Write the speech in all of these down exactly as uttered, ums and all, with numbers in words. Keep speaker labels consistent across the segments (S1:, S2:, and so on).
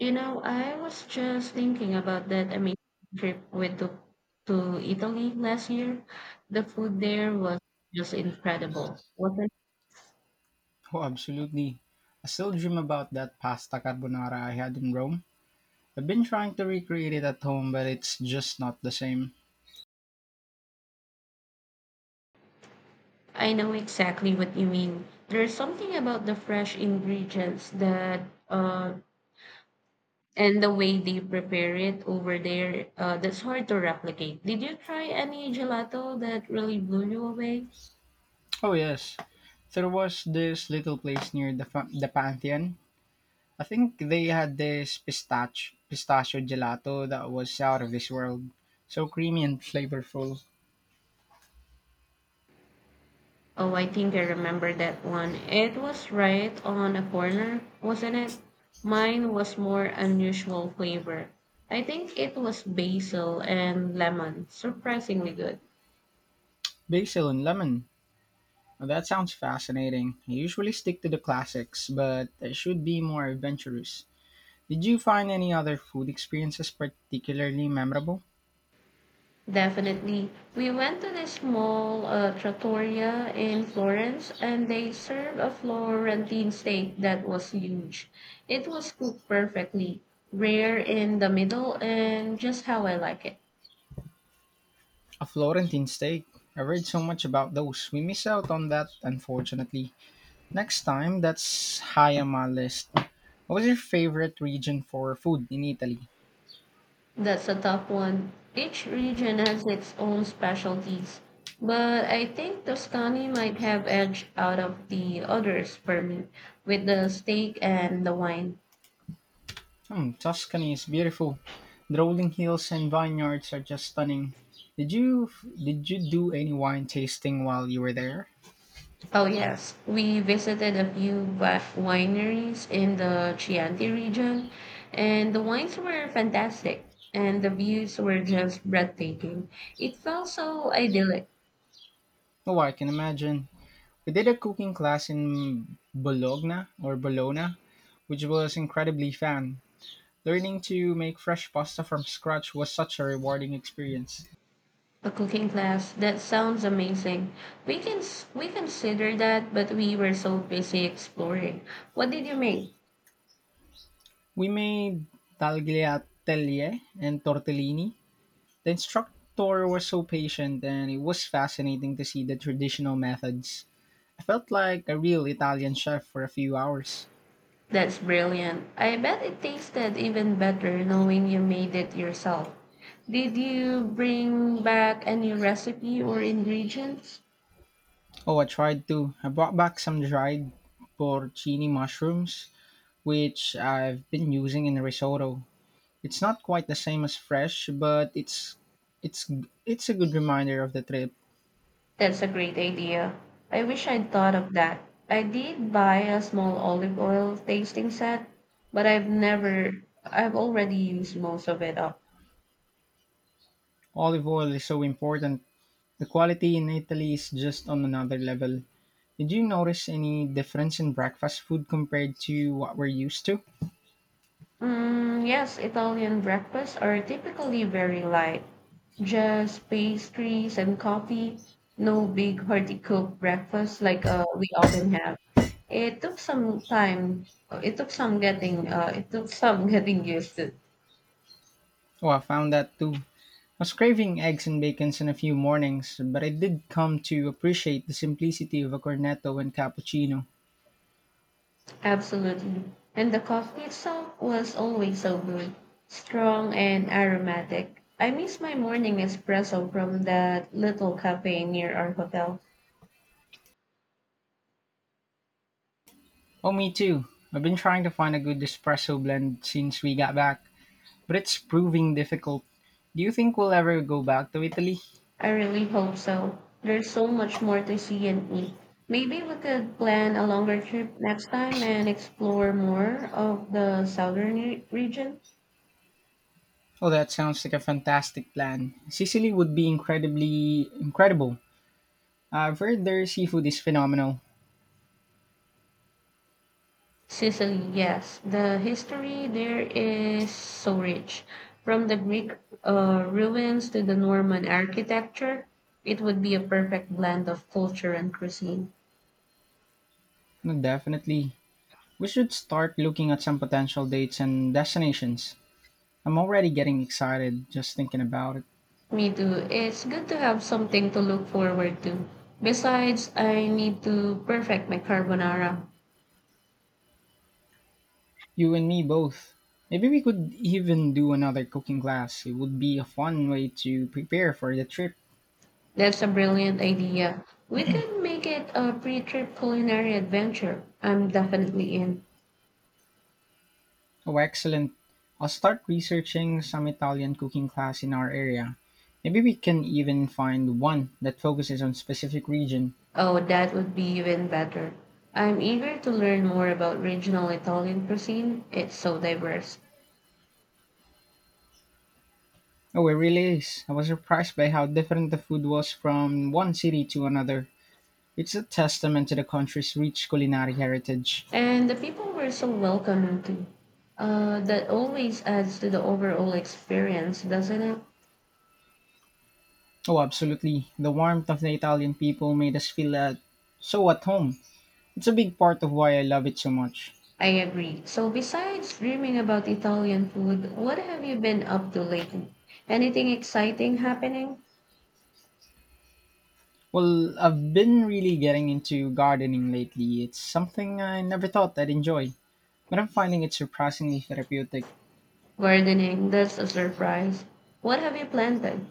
S1: You know, I was just thinking about that amazing trip we took to Italy last year. The food there was just incredible, wasn't it?
S2: Oh, absolutely. I still dream about that pasta carbonara I had in Rome. I've been trying to recreate it at home, but it's just not the same.
S1: I know exactly what you mean. There's something about the fresh ingredients that uh and the way they prepare it over there uh, that's hard to replicate. Did you try any gelato that really blew you away?
S2: Oh, yes. There was this little place near the, fa- the Pantheon. I think they had this pistach- pistachio gelato that was out of this world. So creamy and flavorful.
S1: Oh, I think I remember that one. It was right on a corner, wasn't it? Mine was more unusual flavor. I think it was basil and lemon. Surprisingly good.
S2: Basil and lemon. Now, that sounds fascinating. I usually stick to the classics, but I should be more adventurous. Did you find any other food experiences particularly memorable?
S1: Definitely. We went to this small uh, trattoria in Florence and they served a Florentine steak that was huge. It was cooked perfectly, rare in the middle, and just how I like it.
S2: A Florentine steak. I read so much about those. We miss out on that, unfortunately. Next time, that's high on my list. What was your favorite region for food in Italy?
S1: That's a tough one. Each region has its own specialties, but I think Tuscany might have edged out of the others for me with the steak and the wine.
S2: Hmm, Tuscany is beautiful. The rolling hills and vineyards are just stunning. Did you did you do any wine tasting while you were there?
S1: Oh yes, we visited a few vi- wineries in the Chianti region, and the wines were fantastic, and the views were just breathtaking. It felt so idyllic.
S2: Oh, I can imagine. We did a cooking class in Bologna or Bologna, which was incredibly fun. Learning to make fresh pasta from scratch was such a rewarding experience.
S1: A cooking class. That sounds amazing. We can s- we consider that, but we were so busy exploring. What did you make?
S2: We made tagliatelle and tortellini. The instructor was so patient and it was fascinating to see the traditional methods. I felt like a real Italian chef for a few hours.
S1: That's brilliant. I bet it tasted even better knowing you made it yourself. Did you bring back any recipe or ingredients?
S2: Oh, I tried too. I brought back some dried porcini mushrooms, which I've been using in risotto. It's not quite the same as fresh, but it's it's it's a good reminder of the trip.
S1: That's a great idea. I wish I'd thought of that. I did buy a small olive oil tasting set, but I've never I've already used most of it up.
S2: Olive oil is so important. The quality in Italy is just on another level. Did you notice any difference in breakfast food compared to what we're used to?
S1: Mm, yes, Italian breakfasts are typically very light, just pastries and coffee. No big hearty cooked breakfast like uh, we often have. It took some time. Uh, It took some getting. Uh, it took some getting used to.
S2: Oh, I found that too. I was craving eggs and bacons in a few mornings, but I did come to appreciate the simplicity of a cornetto and cappuccino.
S1: Absolutely, and the coffee itself was always so good, strong and aromatic. I miss my morning espresso from that little cafe near our hotel.
S2: Oh, me too. I've been trying to find a good espresso blend since we got back, but it's proving difficult. Do you think we'll ever go back to Italy?
S1: I really hope so. There's so much more to see and eat. Maybe we could plan a longer trip next time and explore more of the southern re- region.
S2: Oh, that sounds like a fantastic plan. Sicily would be incredibly incredible. I've heard their seafood is phenomenal.
S1: Sicily, yes. The history there is so rich. From the Greek uh, ruins to the Norman architecture, it would be a perfect blend of culture and cuisine.
S2: No, definitely. We should start looking at some potential dates and destinations. I'm already getting excited just thinking about it.
S1: Me too. It's good to have something to look forward to. Besides, I need to perfect my carbonara.
S2: You and me both. Maybe we could even do another cooking class. It would be a fun way to prepare for the trip.
S1: That's a brilliant idea. We can make it a pre-trip culinary adventure. I'm definitely in.
S2: Oh, excellent. I'll start researching some Italian cooking class in our area. Maybe we can even find one that focuses on specific region.
S1: Oh, that would be even better. I'm eager to learn more about regional Italian cuisine. It's so diverse.
S2: Oh, it really is. I was surprised by how different the food was from one city to another. It's a testament to the country's rich culinary heritage.
S1: And the people were so welcoming too. Uh, that always adds to the overall experience, doesn't it?
S2: Oh, absolutely. The warmth of the Italian people made us feel at, so at home. It's a big part of why I love it so much.
S1: I agree. So besides dreaming about Italian food, what have you been up to lately? Anything exciting happening?
S2: Well, I've been really getting into gardening lately. It's something I never thought I'd enjoy, but I'm finding it surprisingly therapeutic.
S1: Gardening, that's a surprise. What have you planted?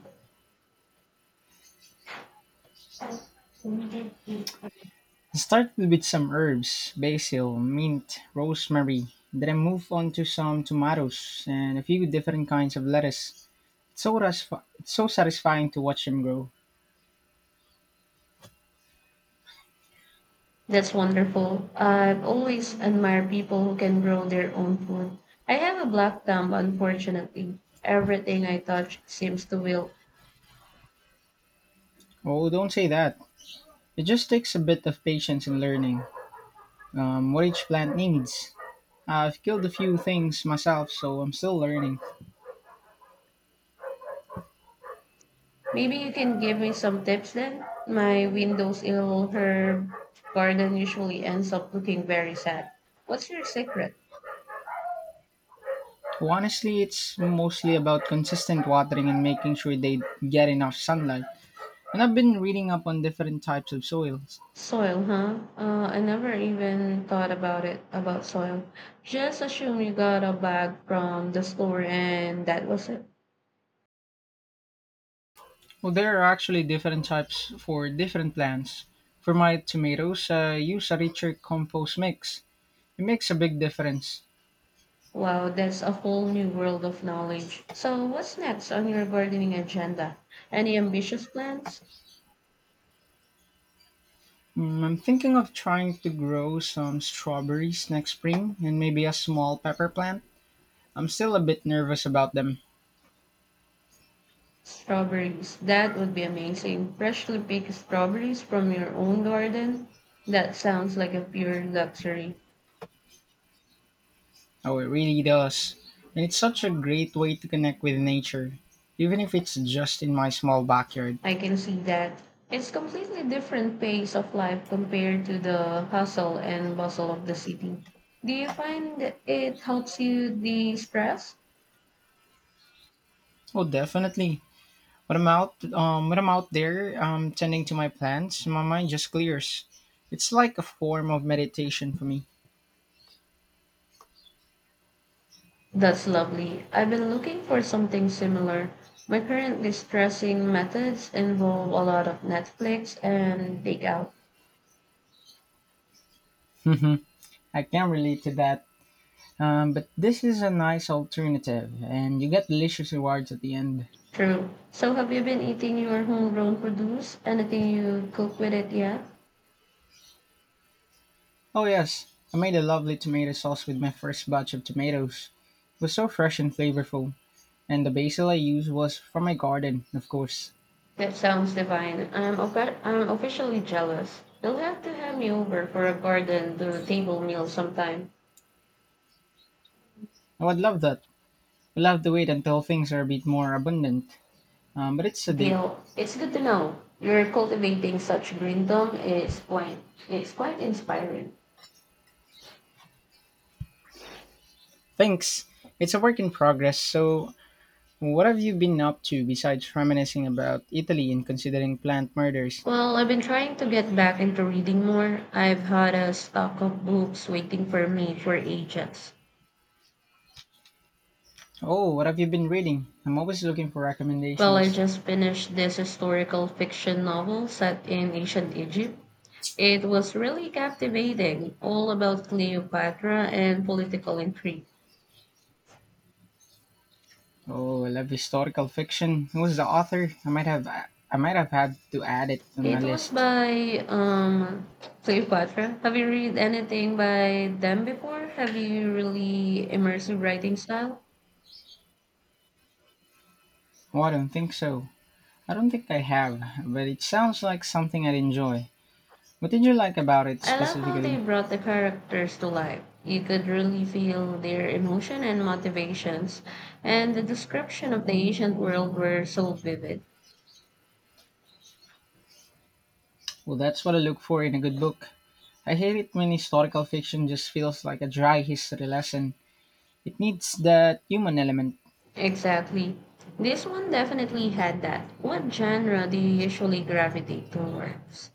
S2: I started with some herbs, basil, mint, rosemary. Then I moved on to some tomatoes and a few different kinds of lettuce. It's so, rasf- it's so satisfying to watch them grow.
S1: That's wonderful. I've always admired people who can grow their own food. I have a black thumb, unfortunately. Everything I touch seems to wilt.
S2: Oh, don't say that. It just takes a bit of patience and learning um, what each plant needs. I've killed a few things myself, so I'm still learning.
S1: Maybe you can give me some tips then? My windowsill herb garden usually ends up looking very sad. What's your secret?
S2: Honestly, it's mostly about consistent watering and making sure they get enough sunlight. And I've been reading up on different types of soils.
S1: Soil, huh? Uh, I never even thought about it, about soil. Just assume you got a bag from the store and that was it.
S2: Well, there are actually different types for different plants. For my tomatoes, I use a richer compost mix. It makes a big difference.
S1: Wow, that's a whole new world of knowledge. So, what's next on your gardening agenda? Any ambitious plans?
S2: Mm, I'm thinking of trying to grow some strawberries next spring and maybe a small pepper plant. I'm still a bit nervous about them.
S1: Strawberries. That would be amazing. Freshly picked strawberries from your own garden? That sounds like a pure luxury.
S2: Oh, it really does. And it's such a great way to connect with nature, even if it's just in my small backyard.
S1: I can see that. It's completely different pace of life compared to the hustle and bustle of the city. Do you find it helps you de-stress?
S2: Oh, definitely. When I'm out, um, when I'm out there, um, tending to my plants, my mind just clears. It's like a form of meditation for me.
S1: That's lovely. I've been looking for something similar. My current de-stressing methods involve a lot of Netflix and takeout.
S2: I can relate to that. Um, but this is a nice alternative, and you get delicious rewards at the end.
S1: True. So have you been eating your homegrown produce? Anything you cook with it yet?
S2: Oh yes, I made a lovely tomato sauce with my first batch of tomatoes. It was so fresh and flavorful, and the basil I used was from my garden, of course.
S1: That sounds divine. I'm, opa- I'm officially jealous. You'll have to have me over for a garden to table meal sometime.
S2: I would love that. We'll have to wait until things are a bit more abundant. Um, but it's a date.
S1: Deal. It's good to know you're cultivating such greendom. It's quite it's quite inspiring.
S2: Thanks. It's a work in progress. So, what have you been up to besides reminiscing about Italy and considering plant murders?
S1: Well, I've been trying to get back into reading more. I've had a stock of books waiting for me for ages.
S2: Oh, what have you been reading? I'm always looking for
S1: Well, I
S2: recommendations.
S1: just finished this historical fiction novel set in ancient Egypt. It was really captivating, all about Cleopatra and political intrigue.
S2: Oh, I love historical fiction. Who's the author? I might have I might have had to add it on my
S1: It was
S2: list.
S1: by um, Cleopatra. Have you read anything by them before? Have you really immersive writing style?
S2: Oh, I don't think so. I don't think I have, but it sounds like something I'd enjoy. What did you like about it
S1: I love how they
S2: specifically?
S1: brought the characters to life. You could really feel their emotion and motivations, and the description of the ancient world were so vivid.
S2: Well, that's what I look for in a good book. I hate it when historical fiction just feels like a dry history lesson. It needs that human element.
S1: Exactly. This one definitely had that. What genre do you usually gravitate towards?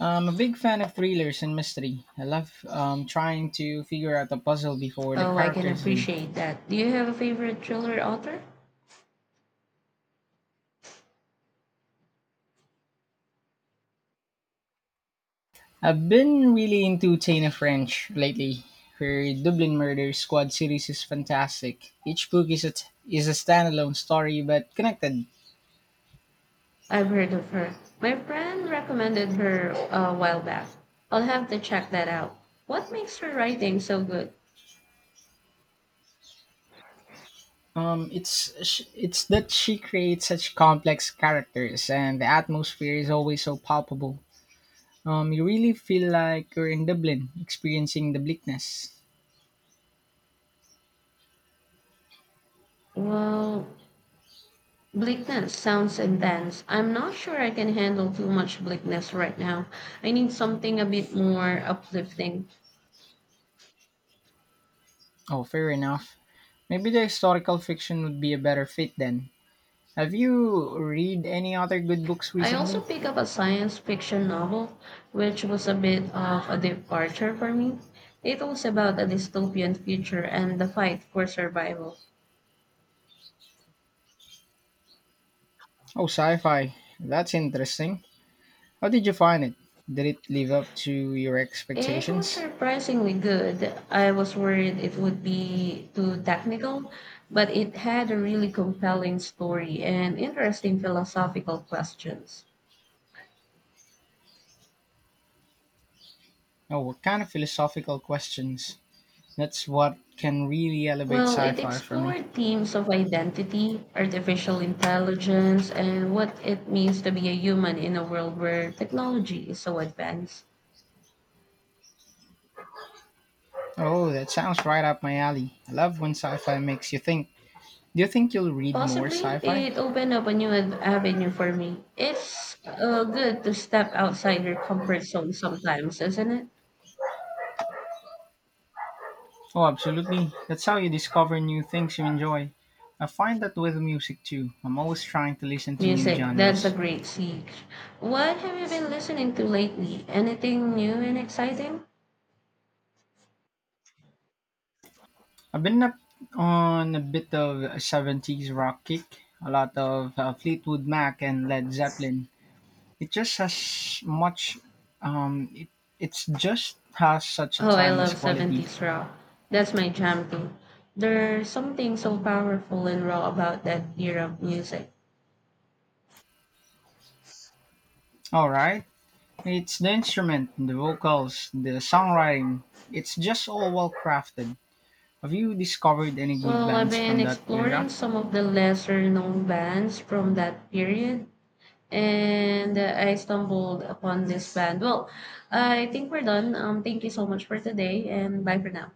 S2: I'm a big fan of thrillers and mystery. I love um, trying to figure out the puzzle before the
S1: Oh, I can
S2: characters do.
S1: appreciate that. Do you have a favorite thriller author?
S2: I've been really into Chain of French lately. Her Dublin Murder Squad series is fantastic. Each book is a t- is a standalone story but connected.
S1: I've heard of her. My friend recommended her a while back. I'll have to check that out. What makes her writing so good?
S2: Um, it's sh- it's that she creates such complex characters and the atmosphere is always so palpable. Um, you really feel like you're in Dublin, experiencing the bleakness.
S1: Well, bleakness sounds intense. I'm not sure I can handle too much bleakness right now. I need something a bit more uplifting.
S2: Oh, fair enough. Maybe the historical fiction would be a better fit then. Have you read any other good books
S1: I also
S2: recently?
S1: picked up a science fiction novel, which was a bit of a departure for me. It was about a dystopian future and the fight for survival.
S2: Oh, sci-fi. That's interesting. How did you find it? Did it live up to your
S1: It was
S2: expectations?
S1: surprisingly good. I was worried it would be too technical, but it had a really compelling story and interesting philosophical questions.
S2: Oh, what kind of philosophical questions? That's what can really elevate
S1: Well, it
S2: sci-fi for me.
S1: explored themes of identity, artificial intelligence, and what it means to be a human in a world where technology is so advanced.
S2: Oh, that sounds right up my alley. I love when sci-fi makes you think. Do you think you'll read more
S1: Possibly,
S2: sci-fi?
S1: it opened up a new ad- avenue for me. It's uh, good to step outside your comfort zone sometimes, isn't it?
S2: Oh, absolutely. That's how you discover new things you enjoy. I find that with music too. I'm always trying to listen to new
S1: Music, that's a
S2: genres.
S1: great siege. What have you been listening to lately? Anything new and exciting?
S2: I've been up on a bit of a seventies rock kick, a lot of uh, Fleetwood Mac and Led Zeppelin. It just has much, um, it, it's just has such a
S1: Oh, I
S2: timeless
S1: love
S2: quality.
S1: seventies rock. That's my jam too. There's something so powerful and raw about that era of music.
S2: All right. It's the instrument, the vocals, the songwriting. It's just all well crafted. Have you discovered any good
S1: Well, I've
S2: bands
S1: been
S2: from that
S1: exploring
S2: era?
S1: some of the lesser known bands from that period, and uh, I stumbled upon this band. Well, I think we're done. Um, thank you so much for today, and bye for now.